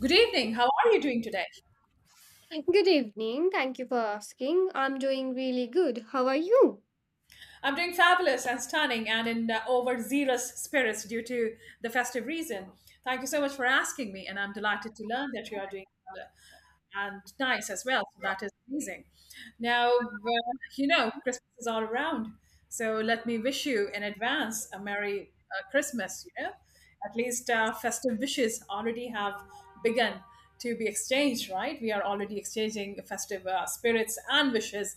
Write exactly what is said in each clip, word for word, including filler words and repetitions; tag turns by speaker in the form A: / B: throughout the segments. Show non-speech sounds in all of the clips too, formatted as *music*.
A: Good evening. How are you doing today?
B: Good evening. Thank you for asking. I'm doing really good. How are you?
A: I'm doing fabulous and stunning and in uh, overzealous spirits due to the festive reason. Thank you so much for asking me, and I'm delighted to learn that you are doing well. and nice as well. So that is amazing. Now, uh, you know, Christmas is all around. So let me wish you in advance a Merry uh, Christmas, you know. At least uh, festive wishes already have begun to be exchanged, right? We are already exchanging festive uh, spirits and wishes.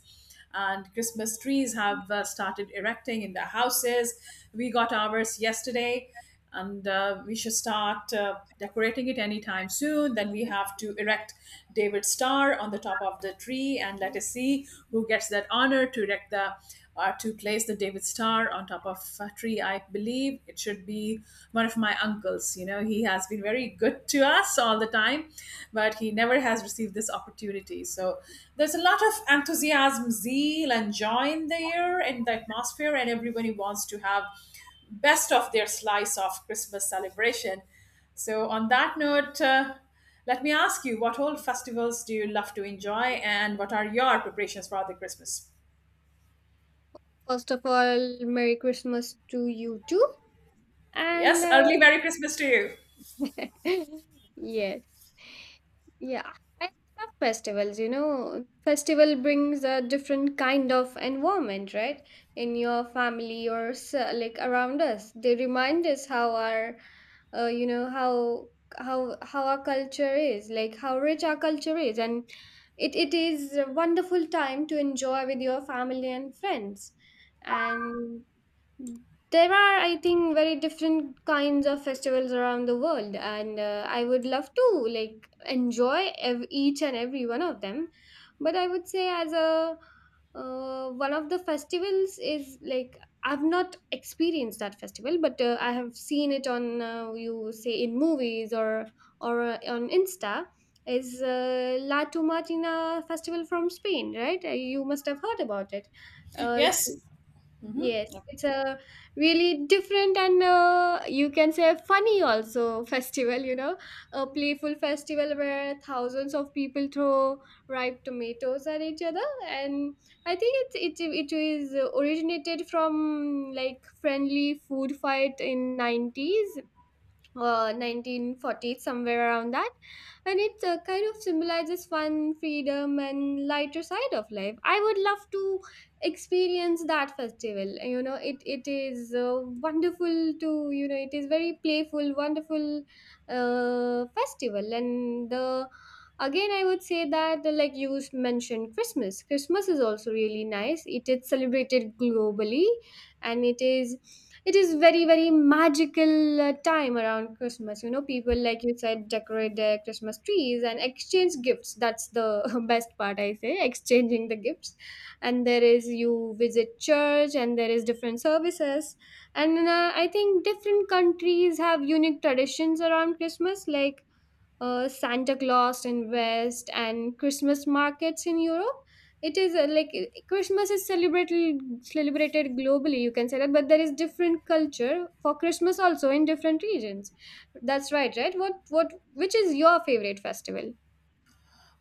A: And Christmas trees have uh, started erecting in the houses. We got ours yesterday and uh, we should start uh, decorating it anytime soon. Then we have to erect David's star on the top of the tree, and let us see who gets that honor to erect the or to place the David star on top of a tree. I believe it should be one of my uncles. You know, he has been very good to us all the time, but he never has received this opportunity. So there's a lot of enthusiasm, zeal, and joy in the air, in the atmosphere, and everybody wants to have best of their slice of Christmas celebration. So, on that note, uh, let me ask you what old festivals do you love to enjoy and what are your preparations for the Christmas?
B: First of all, Merry Christmas to you too. And
A: Yes,
B: uh,
A: early Merry Christmas to
B: *laughs* yes. Yeah, I love festivals. You know, festival brings a different kind of environment, right? In your family or s- like around us, they remind us how our, uh, you know, how how how our culture is, like how rich our culture is, and it it is a wonderful time to enjoy with your family and friends. And there are, I think, very different kinds of festivals around the world, and uh, I would love to like enjoy ev- each and every one of them. But I would say, as a uh, one of the festivals is like I've not experienced that festival, but uh, I have seen it on uh, you say in movies or or uh, on Insta. Is uh, La Tomatina festival from Spain, right? Uh, You must have heard about it.
A: you.
B: Uh, it's
A: Yes.
B: Yes, it's a really different and uh, you can say funny also *laughs* festival, you know, a playful festival where thousands of people throw ripe tomatoes at each other. And I think it, it, it is originated from like friendly food fight in nineties uh, nineteen forties, somewhere around that. And it uh, kind of symbolizes fun, freedom, and lighter side of life. I would love to experience that festival. You know, it, it is uh, wonderful to, you know, it is very playful, wonderful uh, festival. And the again I would say that uh, like you s- mentioned christmas christmas is also really nice. It is celebrated globally, and it is it is very very magical uh, time around Christmas. You know, people like you said decorate their Christmas trees and exchange gifts. That's the *laughs* best part I say, exchanging the gifts. And there is you visit church and there is different services. And uh, I think different countries have unique traditions around Christmas, like uh, Santa Claus in West and Christmas markets in Europe. It is uh, like uh, Christmas is celebrated celebrated globally. You can say that, but there is different culture for Christmas also in different regions. That's right, right? What what which is your favorite festival?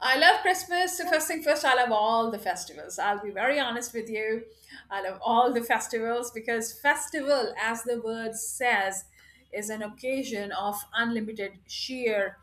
A: I love Christmas. So first thing first, I love all the festivals. I'll be very honest with you. I love all the festivals because festival, as the word says, is an occasion of unlimited sheer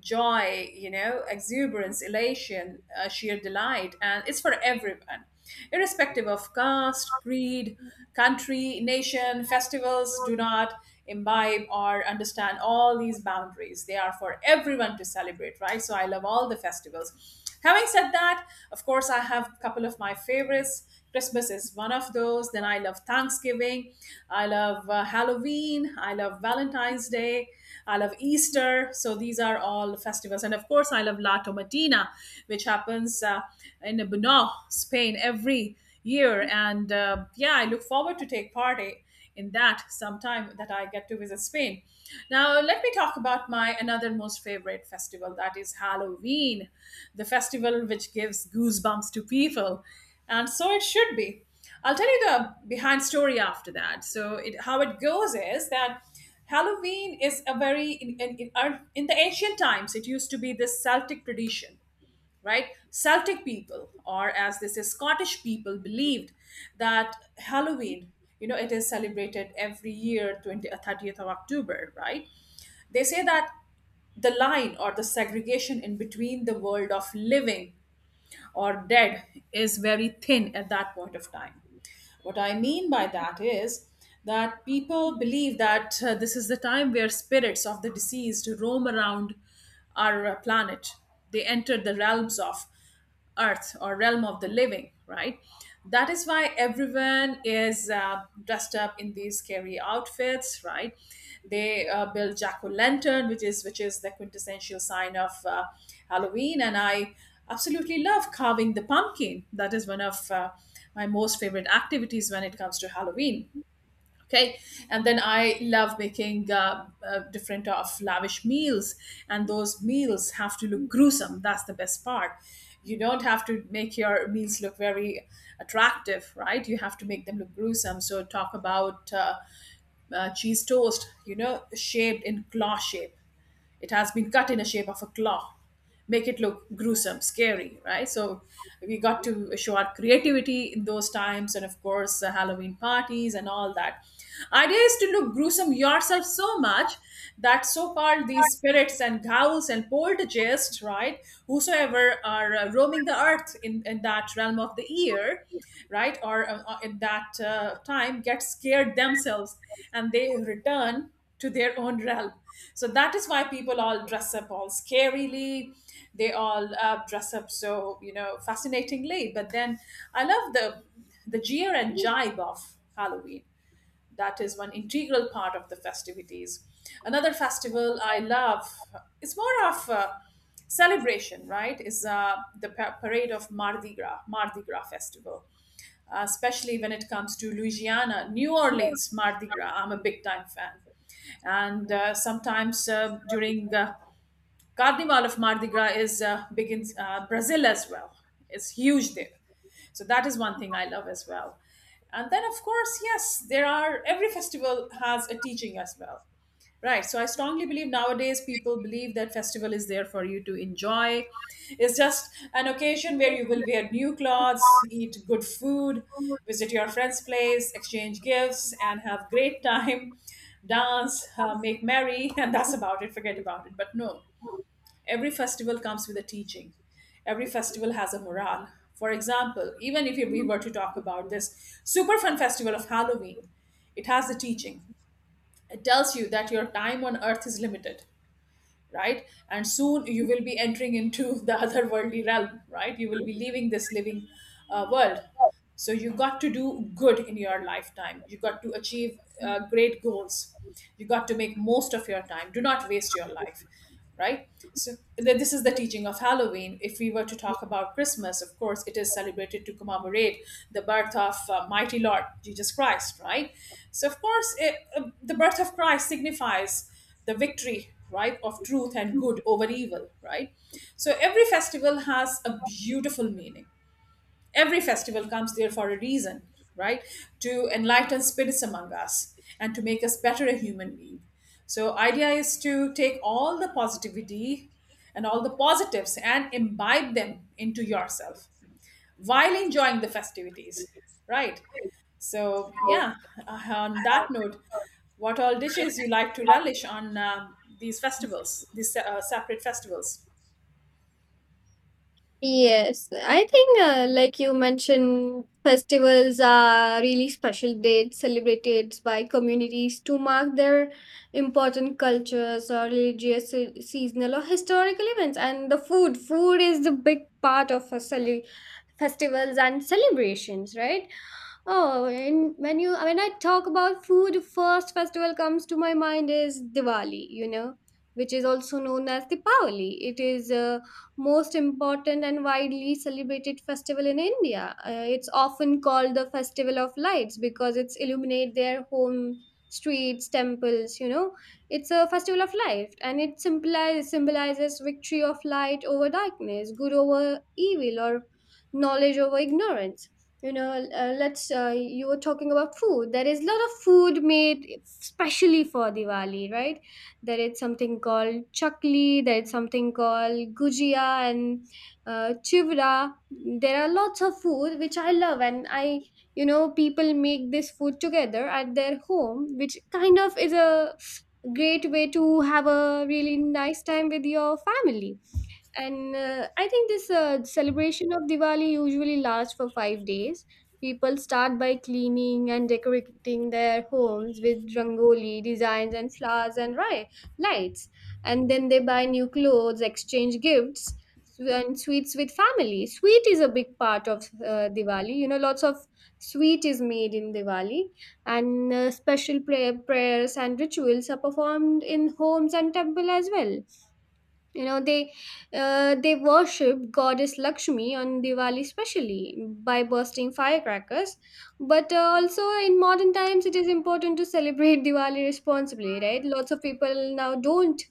A: joy, you know, exuberance, elation, uh, sheer delight, and it's for everyone, irrespective of caste, creed, country, nation. Festivals do not imbibe or understand all these boundaries. They are for everyone to celebrate, right? So I love all the festivals. Having said that, of course, I have a couple of my favorites. Christmas is one of those. Then I love Thanksgiving. I love uh, Halloween. I love Valentine's Day. I love Easter. So these are all festivals. And of course, I love La Tomatina, which happens uh, in Bunau, Spain, every year. And uh, yeah, I look forward to take part i- in that sometime that I get to visit Spain. Now, let me talk about my another most favorite festival that is Halloween, the festival which gives goosebumps to people. And so it should be. I'll tell you the behind story after that. So, it, how it goes is that Halloween is a very in, in, in, our- in the ancient times. It used to be this Celtic tradition, right? Celtic people, or as they say, Scottish people, believed that Halloween, you know, it is celebrated every year, twenty, uh, thirtieth of October, right? They say that the line or the segregation in between the world of living or dead is very thin at that point of time. What I mean by that is that people believe that uh, this is the time where spirits of the deceased roam around our uh, planet. They enter the realms of earth or realm of the living, right? That is why everyone is uh, dressed up in these scary outfits, right? They uh, build jack o' lantern, which is which is the quintessential sign of uh, Halloween, and I absolutely love carving the pumpkin. That is one of uh, my most favorite activities when it comes to Halloween. Okay, and then I love making uh, uh, different of lavish meals, and those meals have to look gruesome. That's the best part. You don't have to make your meals look very attractive, right? You have to make them look gruesome. So talk about. Uh, uh, cheese toast, you know, shaped in claw shape. It has been cut in a shape of a claw. Make it look gruesome, scary, right? So we got to show our creativity in those times, and of course, the Halloween parties and all that. Idea is to look gruesome yourself so much that so-called these spirits and ghouls and poltergeists, right? Whosoever are uh, roaming the earth in, in that realm of the ear, right, or uh, uh, in that uh, time, get scared themselves and they return to their own realm. So that is why people all dress up all scarily. They all uh, dress up so, you know fascinatingly, but then I love the the jeer and jibe of Halloween. That is one integral part of the festivities. Another festival I love, it's more of a celebration, right, is uh, the pa- parade of mardi gras mardi gras festival. uh, especially when it comes to Louisiana, New Orleans, Mardi Gras. I'm a big time fan. And uh, sometimes uh, during uh, Carnival of Mardi Gras is uh, begins uh, Brazil as well. It's huge there, so that is one thing I love as well. And then of course, yes, there are every festival has a teaching as well. Right. So I strongly believe nowadays people believe that festival is there for you to enjoy. It's just an occasion where you will wear new clothes, eat good food, visit your friend's place, exchange gifts, and have great *laughs* time, dance, uh, make merry, and that's about it. Forget about it. But no, Every festival comes with a teaching. Every festival has a morale. For example, even if we were to talk about this super fun festival of Halloween, it has a teaching. It tells you that your time on earth is limited, right? And soon you will be entering into the *laughs* otherworldly realm, right? You will be leaving this living uh, world. So you got to do good in your lifetime. You got to achieve uh, great goals. You got to make most of your time. Do not waste your life, right? So th- this is the teaching of Halloween. If we were to talk about Christmas, of course, it is celebrated to commemorate the birth of uh, mighty Lord Jesus Christ, right? So of course, it, uh, the birth of Christ signifies the victory, right, of truth and good over evil, right? So every festival has a beautiful meaning. Every festival comes there for a reason, right? To enlighten spirits among us and to make us better a human being. So idea is to take all the positivity and all the positives and imbibe them into yourself while enjoying the festivities, right? So yeah, uh, on that note, what all dishes you like to relish on um, these festivals, these uh, separate festivals?
B: Yes, I think uh, like you mentioned, festivals are really special dates celebrated by communities to mark their important cultures or religious, se- seasonal or historical events. And the food, food is the big part of a cele- festivals and celebrations, right? Oh, and when you when I talk about food, first festival comes to my mind is Diwali. You know, which is also known as Diwali. It is. Uh, most important and widely celebrated festival in India. Uh, it's often called the Festival of Lights because it's illuminate their home streets, temples, you know. It's a festival of light, and it symbolizes symbolizes victory of light over darkness, good over evil, or knowledge over ignorance. You know, uh, let's uh, you were talking about food. There is a lot of food made specially for Diwali, right? There is something called chakli. There is something called gujia and uh, chivra. There are lots of food which I love, and I you know people make this food together at their home, which kind of is a great way to have a really nice time with your family. And uh, I think this uh, celebration of Diwali usually lasts for five days. People start by cleaning and decorating their homes with rangoli designs and flowers and ri- lights, and then they buy new clothes, exchange gifts, sw- and sweets with family. Sweet is a big part of uh, Diwali. You know, lots of sweet is made in Diwali. And uh, special prayer, prayers and rituals are performed in homes and temple as well. You know, they uh, they worship goddess Lakshmi on Diwali, especially by bursting firecrackers. But uh, also in modern times, it is important to celebrate *laughs* Diwali responsibly, right? Lots of people now don't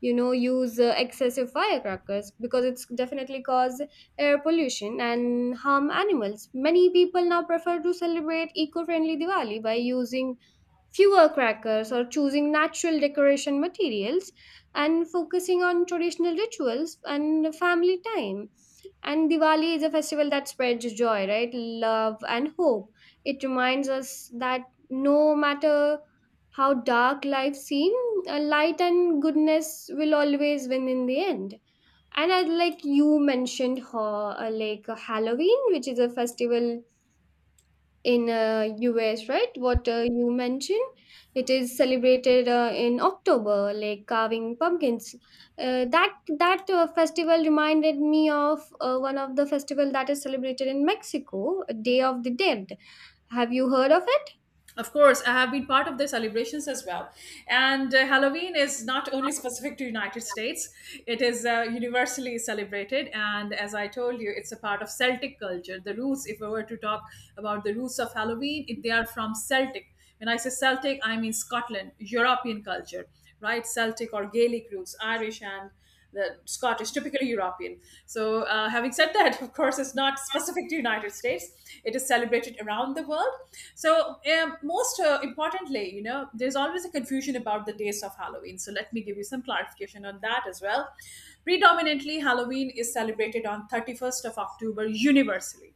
B: you know use uh, excessive firecrackers because it's definitely cause air pollution and harm animals. Many people now prefer to celebrate eco-friendly Diwali by using fewer crackers or choosing natural decoration materials and focusing on traditional rituals and family time. And Diwali is a festival that spreads joy, right? Love and hope. It reminds us that no matter how dark life seems, light and goodness will always win in the end. And I like you mentioned, ho- uh, like uh, Halloween, which is a festival in uh, U S, right? What uh, you mentioned, it is celebrated uh, in October, like carving pumpkins. Uh, that that uh, festival reminded me of uh, one of the festival that is celebrated in Mexico, Day of the Dead. Have you heard of it?
A: Of course, I have been part of the celebrations as well. And uh, Halloween is not only specific to United States; it is uh, universally celebrated. And as I told you, it's a part of Celtic culture. The roots, if I were to talk about the roots of Halloween, if they are from Celtic. When I say Celtic, I mean Scotland, European culture, right? Celtic or Gaelic roots, Irish and the Scottish, typically European. So, uh, having said that, of course, it's not specific to United States. It is celebrated around the world. So, um, most uh, importantly, you know, there's always a confusion about the dates of Halloween. So, let me give you some clarification on that as well. Predominantly, Halloween is celebrated on thirty-first of October universally,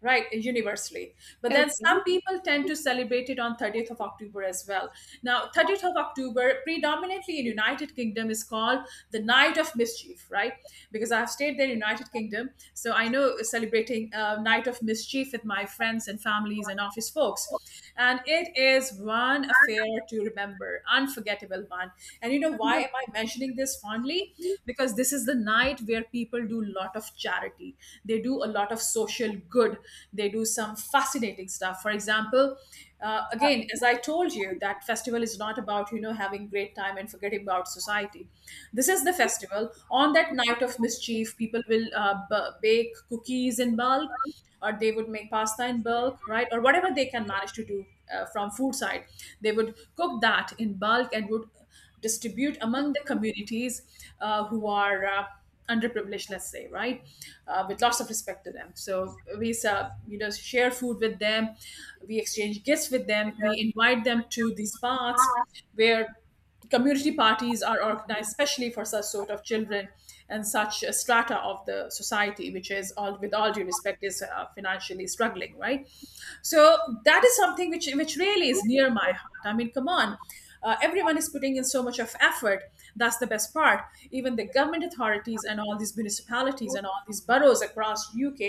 A: right, universally. But then some
B: Okay.
A: people tend to celebrate it on thirtieth of October as well. Now, thirtieth of October predominantly in United Kingdom is called the night of mischief, right? Because I've stayed there in United Kingdom, so I know celebrating uh, night of mischief with my friends and families and office folks, and it is one affair to remember, unforgettable one. And you know why am I mentioning this fondly? Because this is the night where people do a lot of charity. They do a lot of social good. They do some fascinating stuff. For example, uh, again, as I told you, that festival is not about, you know having great time and forgetting about society. This is the festival. On that night of mischief, people will uh, b- bake cookies in bulk, or they would make pasta in bulk, right, or whatever they can manage to do uh, from food side. They would cook that in bulk and would distribute among the communities uh, who are uh, underprivileged, let's say, right, uh, with lots of respect to them. So we uh, you know share food with them. We exchange gifts with them. We invite them to these paths where community parties are organized, especially for such sort of children and such a strata of the society, which is all, with all due respect, is uh, financially struggling, right? So that is something which which really is near my heart. I mean, come on, uh, everyone is putting in so much of effort. That's the best part. Even the government authorities and all these municipalities and all these boroughs across UK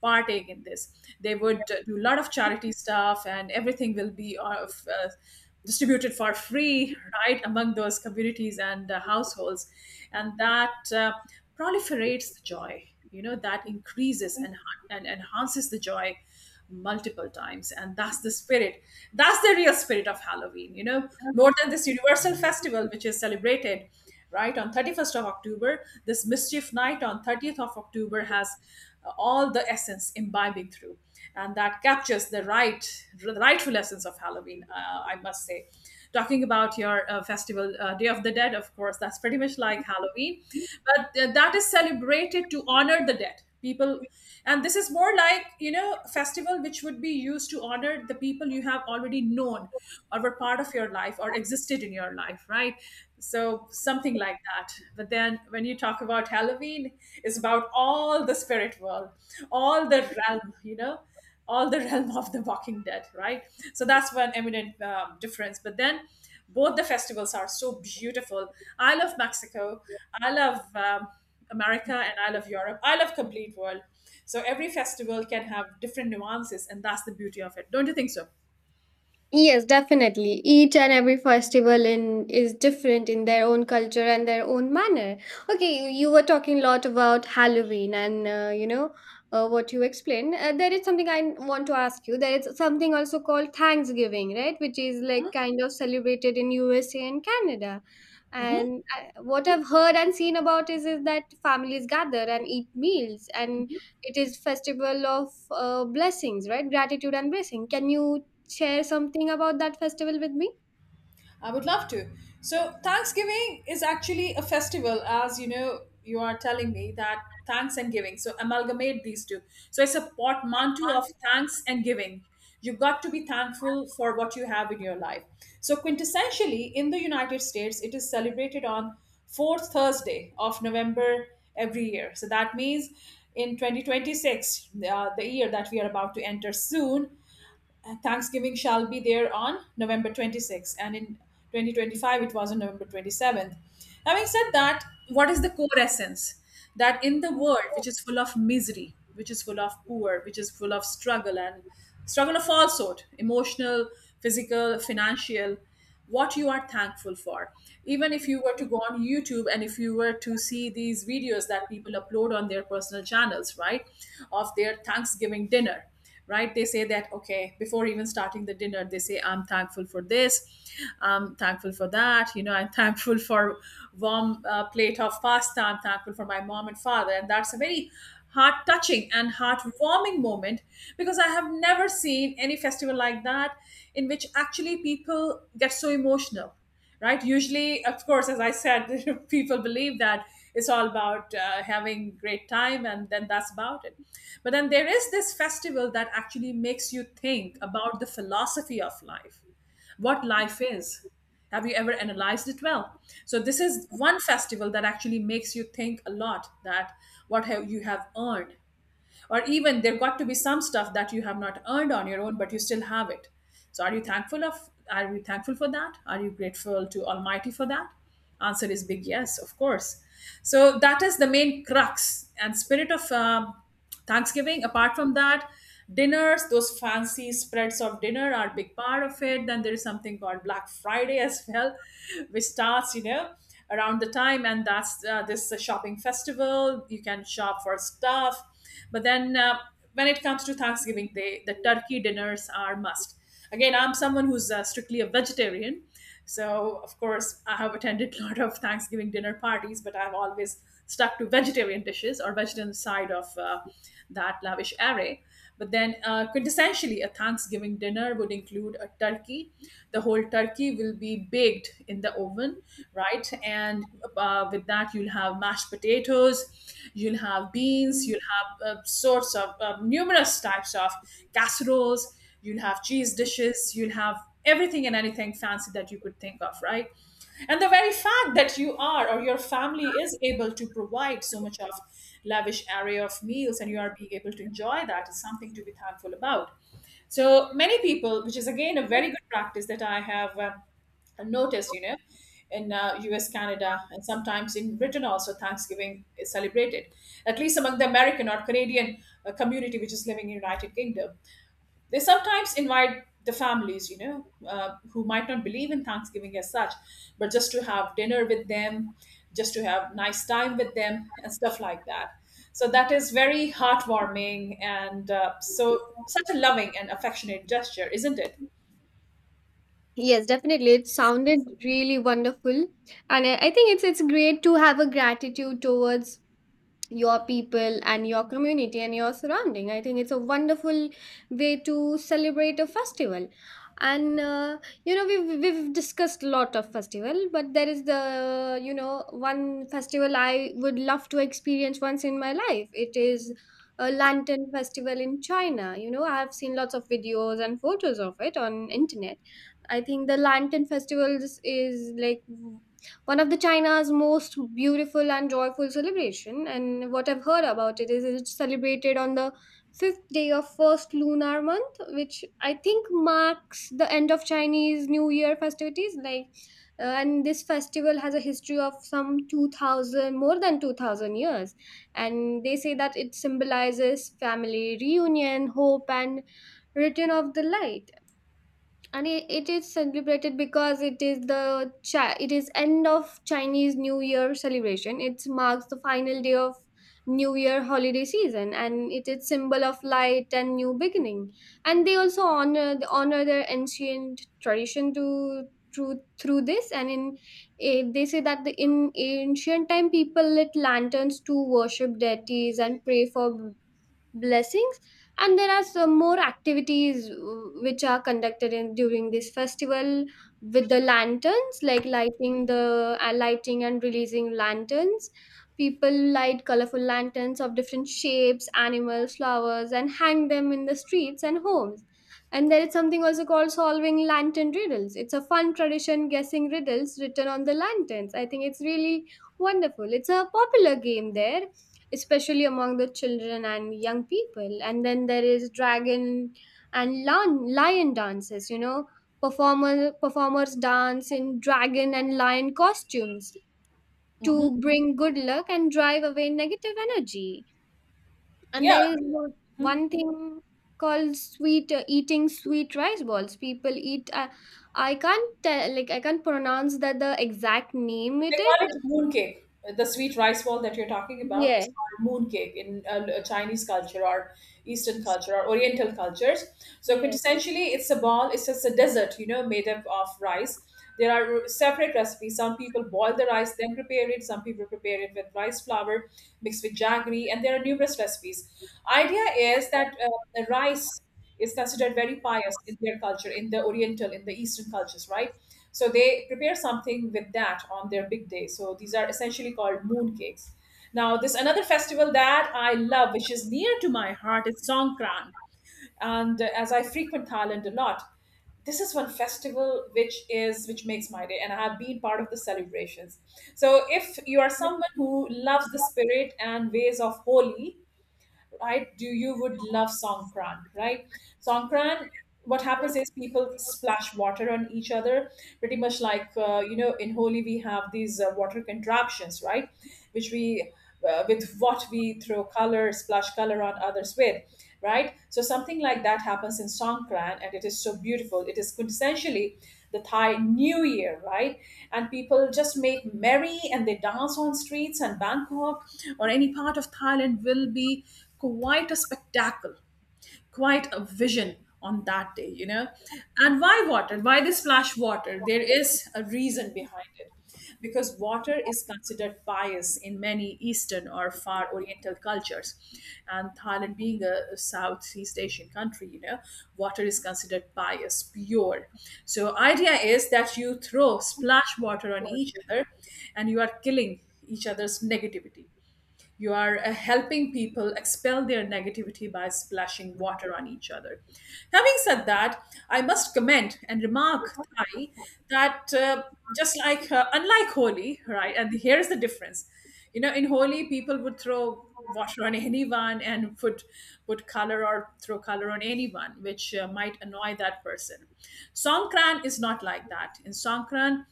A: partake In this, they would uh, do a lot of charity stuff, and everything will be of uh, distributed for free, right, among those communities and uh, households. And that uh, proliferates the joy, you know, that increases and, and enhances the joy multiple times, and that's the spirit. That's the real spirit of Halloween, you know. More than this universal festival which is celebrated right on thirty-first of October, this mischief night on thirtieth of October has uh, all the essence imbibing through, and that captures the right the rightful essence of Halloween, uh, I must say. Talking about your uh, festival, uh, Day of the Dead, of course, that's pretty much like Halloween, but uh, that is celebrated to honor the dead people. And this is more like, you know, a festival which would be used to honor the people you have already known, or were part of your life, or existed in your life, right? So something like that. But then when you talk about Halloween, it's about all the spirit world, all the realm, you know, all the *laughs* realm of the Walking Dead, right? So that's one eminent um, difference. But then both the festivals are so beautiful. I love Mexico. I love um, America, and I love Europe. I love complete world. So every festival can have different nuances, and that's the beauty of it. Don't you think so?
B: Yes, definitely. Each and every festival in is different in their own culture and their own manner. Okay, you you were talking a lot about Halloween and uh, you know uh, what you explained. Uh, there is something I want to ask you. There is something also called Thanksgiving, right? Which is like kind of celebrated in U S A and Canada.
A: Mhm.
B: And uh, what I've heard and seen about is is that families gather and eat meals, and it is festival of uh, blessings, right? Gratitude and blessing. Can you share something about that festival with me?
A: I would love to. So, Thanksgiving is actually a festival, as you know, you are telling me that thanks and giving. So, amalgamate these two. So, it's a portmanteau of thanks and giving. You've got to be thankful for what you have in your life. So, quintessentially, in the United States, it is celebrated on fourth Thursday of November every year. So, that means in twenty twenty-six, uh, the year that we are about to enter soon, uh, Thanksgiving shall be there on November twenty-sixth, and in twenty twenty-five it was on November twenty-seventh. Having said that, what is the core essence? That in the world which is full of misery, which is full of poor, which is full of struggle and struggle of all sort, emotional, physical, financial, what you are thankful for. Even if you were to go on YouTube, and if you were to see these videos that people upload on their personal channels, right, of their Thanksgiving dinner, right, they say that, okay, before even starting the dinner, they say, I'm thankful for this, I'm thankful for that, you know, I'm *laughs* thankful for warm uh, plate of pasta, I'm thankful for my mom and father. And that's a very heart touching and heartwarming moment, because I have never seen any festival like that in which actually people get so emotional, right? Usually, of course, as I said, *laughs* people believe that it's all about uh, having great time, and then that's about it. But then there is this festival that actually makes you think about the philosophy of life, what life is. Have you ever analyzed it well? So this is one festival that actually makes you think a lot, that what have you have earned, or even there got to be some stuff that you have not earned on your own, but you still have it. So are you thankful of? Are you thankful for that? Are you grateful to Almighty for that? Answer is big yes, of course. So that is the main crux and spirit of um, Thanksgiving. Apart from that, dinners, those fancy spreads of dinner are a big part of it. Then there is something called Black Friday as well, *laughs* which starts, you know, around the time, and that's uh, this uh, shopping festival, you can shop for stuff. But then uh, when it comes to Thanksgiving day, the turkey dinners are must. Again, I'm someone who's uh, strictly a vegetarian. So, of course, I have attended a lot of Thanksgiving dinner parties, but I've always stuck to vegetarian dishes or vegetarian side of uh, that lavish array. But then, uh, quintessentially, a Thanksgiving dinner would include a turkey. The whole turkey will be baked in the oven, right? And uh, with that, you'll have mashed potatoes, you'll have beans, you'll have uh, sorts of uh, numerous types of casseroles, you'll have cheese dishes, you'll have everything and anything fancy that you could think of, right? And the very fact that you are or your family is able to provide so much of lavish array of meals, and you are being able to enjoy that, is something to be thankful about. So many people, which is again a very good practice that I have um, noticed, you know, in uh, U S, Canada, and sometimes in Britain also, Thanksgiving is celebrated, at least among the American or Canadian uh, community which is living in United Kingdom. They sometimes invite the families, you know, uh, who might not believe in Thanksgiving as such, but just to have dinner with them, just to have nice time with them, and stuff like that. So that is very heartwarming, and uh, so such a loving and affectionate gesture, isn't it?
B: Yes, definitely. It sounded really wonderful. And I I think it's it's great to have a gratitude towards your people and your community and your surrounding. I think it's a wonderful way to celebrate a festival. And uh, you know we've, we've discussed a lot of festival, but there is the you know one festival I would love to experience once in my life. It is a lantern festival in China. you know I have seen lots of videos and photos of it on internet. I think the lantern festivals is like one of the China's most beautiful and joyful celebration. And what I've heard about it is it's celebrated on the fifth day of first lunar month, which I think marks the end of Chinese New Year festivities. Like, uh, and this festival has a history of some two thousand, more than two thousand years, and they say that it symbolizes family reunion, hope, and return of the light. And it, it is celebrated because it is the Chi- it is end of Chinese New Year celebration. It marks the final day of new year holiday season, and it is symbol of light and new beginning. And they also honor honor their ancient tradition to through through this. And in eh, they say that the, in ancient time people lit lanterns to worship deities and pray for blessings. And there are some more activities uh, which are conducted in during this festival, with the lanterns, like lighting the uh, lighting and releasing lanterns. People light colorful lanterns of different shapes, animals, flowers, and hang them in the streets and homes. And there is something also called solving lantern riddles. It's a fun tradition guessing riddles written on the lanterns. I think it's really wonderful. It's a popular game there, especially among the children and young people. And then there is dragon and lion, lion dances, you know, performer, performers dance in dragon and lion costumes
A: Hmm.
B: to bring good luck and drive away negative energy. And
A: Yeah. Mm-hmm.
B: there is one one thing called sweet, uh, eating sweet rice balls. People eat uh, I can't tell, like I can't pronounce that the exact name
A: They
B: it
A: call it
B: is.
A: moon cake. The sweet rice ball that you're talking about
B: Yeah,
A: is called moon cake in uh, Chinese culture, or Eastern culture, or Oriental cultures. So
B: yeah.
A: quintessentially, it's a ball. It's just a dessert, you know, made up of rice. There are separate recipes. Some people boil the rice, then prepare it. Some people prepare it with rice flour mixed with jaggery, and there are numerous recipes. Idea is that uh, the rice is considered very pious in their culture, in the Oriental, in the Eastern cultures, right? So they prepare something with that on their big day. So these are essentially called moon cakes. Now, this another festival that I love, which is near to my heart, is Songkran. And uh, as I frequent Thailand a lot, this is one festival which is which makes my day, and I have been part of the celebrations. So if you are someone who loves the spirit and ways of holy right? Do You would love Songkran, right? Songkran, what happens is people splash water on each other, pretty much like uh, you know, in Holi, we have these uh, water contraptions, right? Which we uh, With what we throw color, splash color on others with, right? So something like that happens in Songkran, and it is so beautiful. It is quintessentially the Thai New Year, right? And people just make merry, and they dance on streets, and Bangkok or any part of Thailand will be quite a spectacle, quite a vision on that day, you know. And why water? Why they splash water? There is a reason behind it. Because water is considered pious in many Eastern or far Oriental cultures. And Thailand, being a a Southeast Asian country, you know, water is considered pious, pure. So, idea is that you throw splash water on each other, and you are killing each other's negativity, you are uh, helping people expel their negativity by splashing water on each other. Having said that, I must comment and remark, Thai, that uh, just like, uh, unlike Holi, right, and here's the difference. You know, in Holi, people would throw water on anyone and put put color or throw color on anyone, which uh, might annoy that person. Songkran is not like that. In Songkran,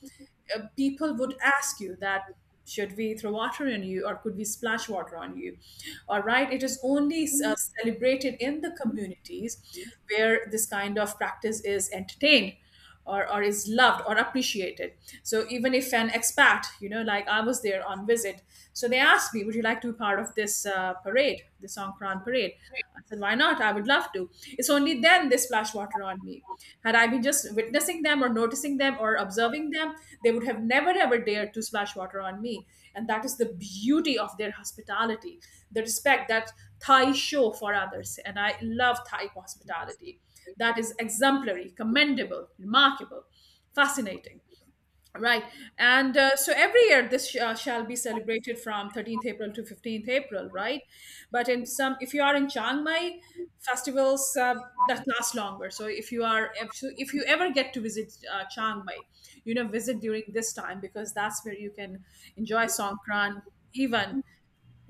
A: uh, people would ask you that should we throw water on you, or could we splash water on you. All right, it is only uh, celebrated in the communities where this kind of practice is entertained, or, or is loved or appreciated. So even if an expat, you know, like I was there on visit, so they asked me, would you like to be part of this uh, parade, the Songkran parade? I said, why not? I would love to. It's only then they splash water on me. Had I been just witnessing them, or noticing them, or observing them, they would have never ever dared to splash water on me. And that is the beauty of their hospitality, the respect that Thai show for others. And I love Thai hospitality. That is exemplary, commendable, remarkable, fascinating. Right. And uh, so every year this sh- uh, shall be celebrated from thirteenth April to fifteenth April, right? But in some, if you are in Chiang Mai, festivals uh, that last longer. So if you are, if, so if you ever get to visit uh, Chiang Mai, you know, visit during this time, because that's where you can enjoy Songkran even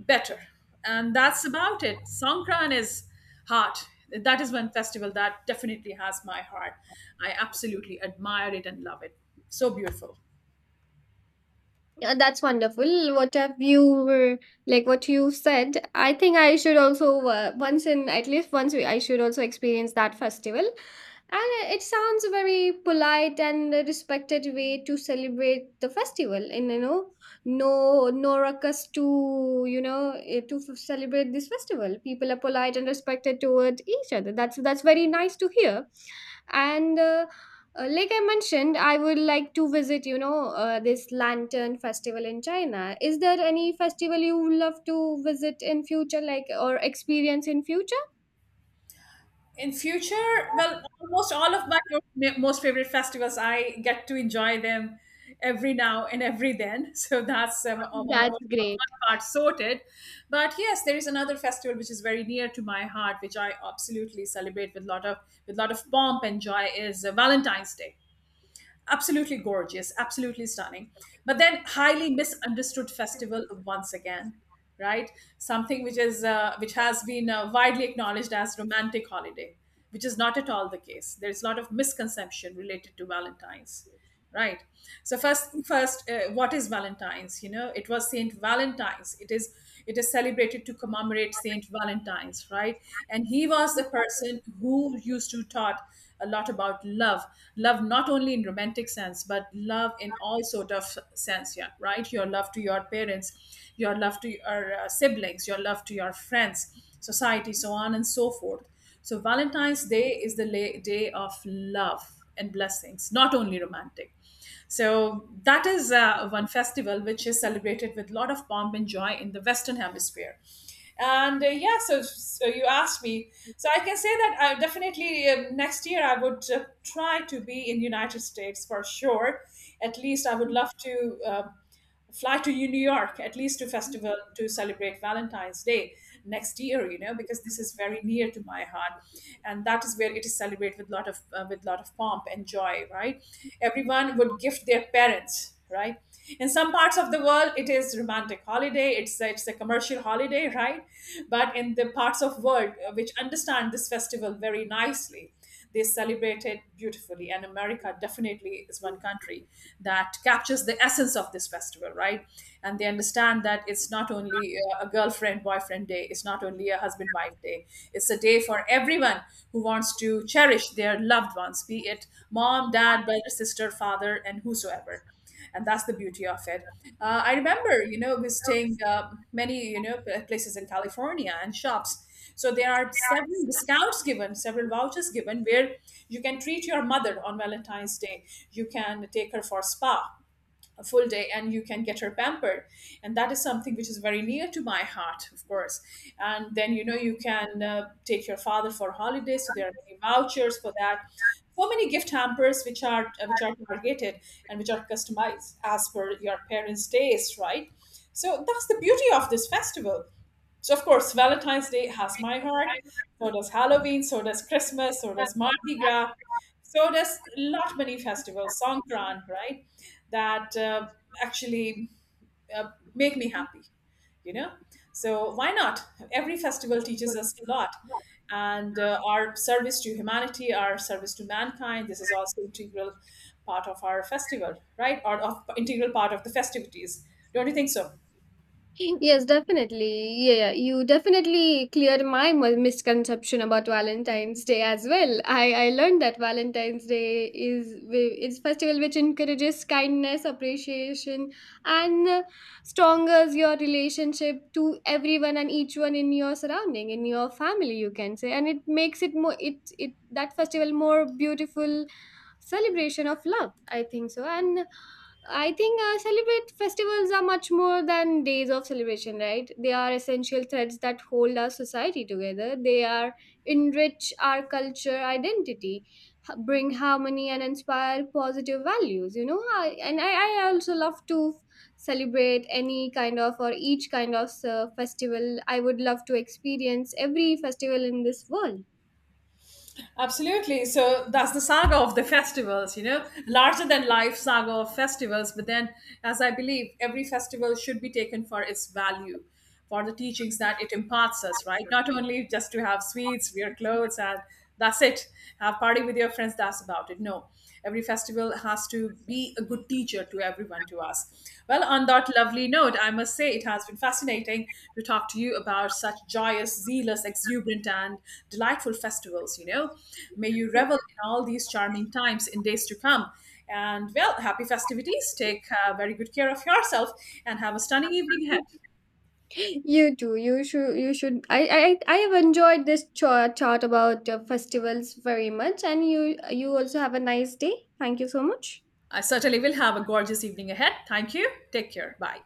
A: better. And that's about it. Songkran is heart. That is one festival that definitely has my heart. I absolutely admire it and love it. So beautiful.
B: Yeah, that's wonderful. What have you were like? What you said. I think I should also uh, once in at least once I should also experience that festival. And it sounds a very polite and a respected way to celebrate the festival. And you know, no no ruckus to you know eh, to f- celebrate this festival. People are polite and respected toward each other. That's that's very nice to hear. And uh, uh, like I mentioned, I would like to visit you know uh, this lantern festival in China. Is there any festival you would love to visit in future, like or experience in future?
A: In future, well, almost all of my mo- most favorite festivals, I get to enjoy them every now and every then. *laughs* So that's um, uh, one,
B: That's great.
A: one part sorted. But yes, there is another festival which is very near to my heart, which I absolutely celebrate with lot of with lot of pomp and joy. Is uh, Valentine's Day. Absolutely gorgeous, absolutely stunning. But then highly misunderstood festival once again, right? Something which is uh, which has been uh, widely acknowledged as romantic holiday, which is not at all the case. There is a lot of misconception related to Valentine's, right? So first, first, uh, what is Valentine's? You know, it was Saint Valentine's. It is it is celebrated to commemorate Saint Valentine's, right? And he was a person who used to taught a lot about love, love not only in romantic sense, but love in all sort of sense, yeah, right? Your love to your parents, your love to your uh, siblings, your love to your friends, society, so on and so forth. So, Valentine's Day is the la- day of love and blessings, not only romantic. So, that is uh, one festival which is celebrated with a lot of pomp and joy in the Western Hemisphere. And uh, yeah, so, so you asked me. So I can say that I definitely uh, next year I would uh, try to be in United States for sure. At least I would love to. Uh, fly to New York, at least to festival to celebrate Valentine's Day next year, you know, because this is very near to my heart, and that is where it is celebrated with lot of uh, with lot of pomp and joy, right? Everyone would gift their parents, right? In some parts of the world, it is romantic holiday. It's a, it's a commercial holiday, right? But in the parts of world uh, which understand this festival very nicely, they celebrate it beautifully. And America definitely is one country that captures the essence of this festival, right? And they understand that it's not only uh, a girlfriend boyfriend day, it's not only a husband wife day, it's a day for everyone who wants to cherish their loved ones, be it mom, dad, brother, sister, father, and whosoever, and that's the beauty of it. Uh, I remember, you know, visiting uh, many, you know, pl- places in California and shops. So there are several discounts given, several vouchers given, where you can treat your mother on Valentine's Day. You can take her for spa a full day and you can get her pampered, and that is something which is very near to my heart, of course. And then, you know, you can uh, take your father for holidays, so there are many vouchers for that, so many gift hampers which are uh, which are targeted and which are customized as per your parents taste, right? So that's the beauty of this festival. So of course Valentine's Day has my heart, so does Halloween, so does Christmas, so does Mardi Gras. So there's lot many festivals, Songkran, right? That uh, actually uh, make me happy, you know. So why not? Every festival teaches us a lot, and uh, our service to humanity, our service to mankind. This is also integral part of our festival, right? Or of integral part of the festivities. Don't you think so?
B: Yes, definitely. Yeah, yeah, you definitely cleared my mu- misconception about Valentine's Day as well. I I learned that Valentine's Day is wi- is festival which encourages kindness, appreciation, and uh, strongers your relationship to everyone and each one in your surrounding, in your family, you can say, and it makes it more it it that festival more beautiful celebration of love. I think so, and I think uh, celebrate festivals are much more than days of celebration, right? They are essential threads that hold our society together. They are enrich our culture identity, h- bring harmony, and inspire positive values. You know, I, and I, I also love to celebrate any kind of or each kind of uh, festival. I would love to experience every festival in this world.
A: Absolutely. So that's the saga of the festivals, you know, larger than life saga of festivals. But then, as I believe, every festival should be taken for its value, for the teachings that it imparts us, right? Not only just to have sweets, wear clothes, and that's it. Have party with your friends, that's about it. No, every festival has to be a good teacher to everyone to us. Well, on that lovely note, I must say it has been fascinating to talk to you about such joyous, zealous, exuberant, and delightful festivals. You know, may you revel in all these charming times in days to come. And well, happy festivities. Take uh, very good care of yourself and have a stunning evening ahead.
B: You too. You should. You should. I. I. I have enjoyed this cha- chat about uh, festivals very much, and you. You also have a nice day. Thank you so much.
A: I certainly will have a gorgeous evening ahead. Thank you. Take care. Bye.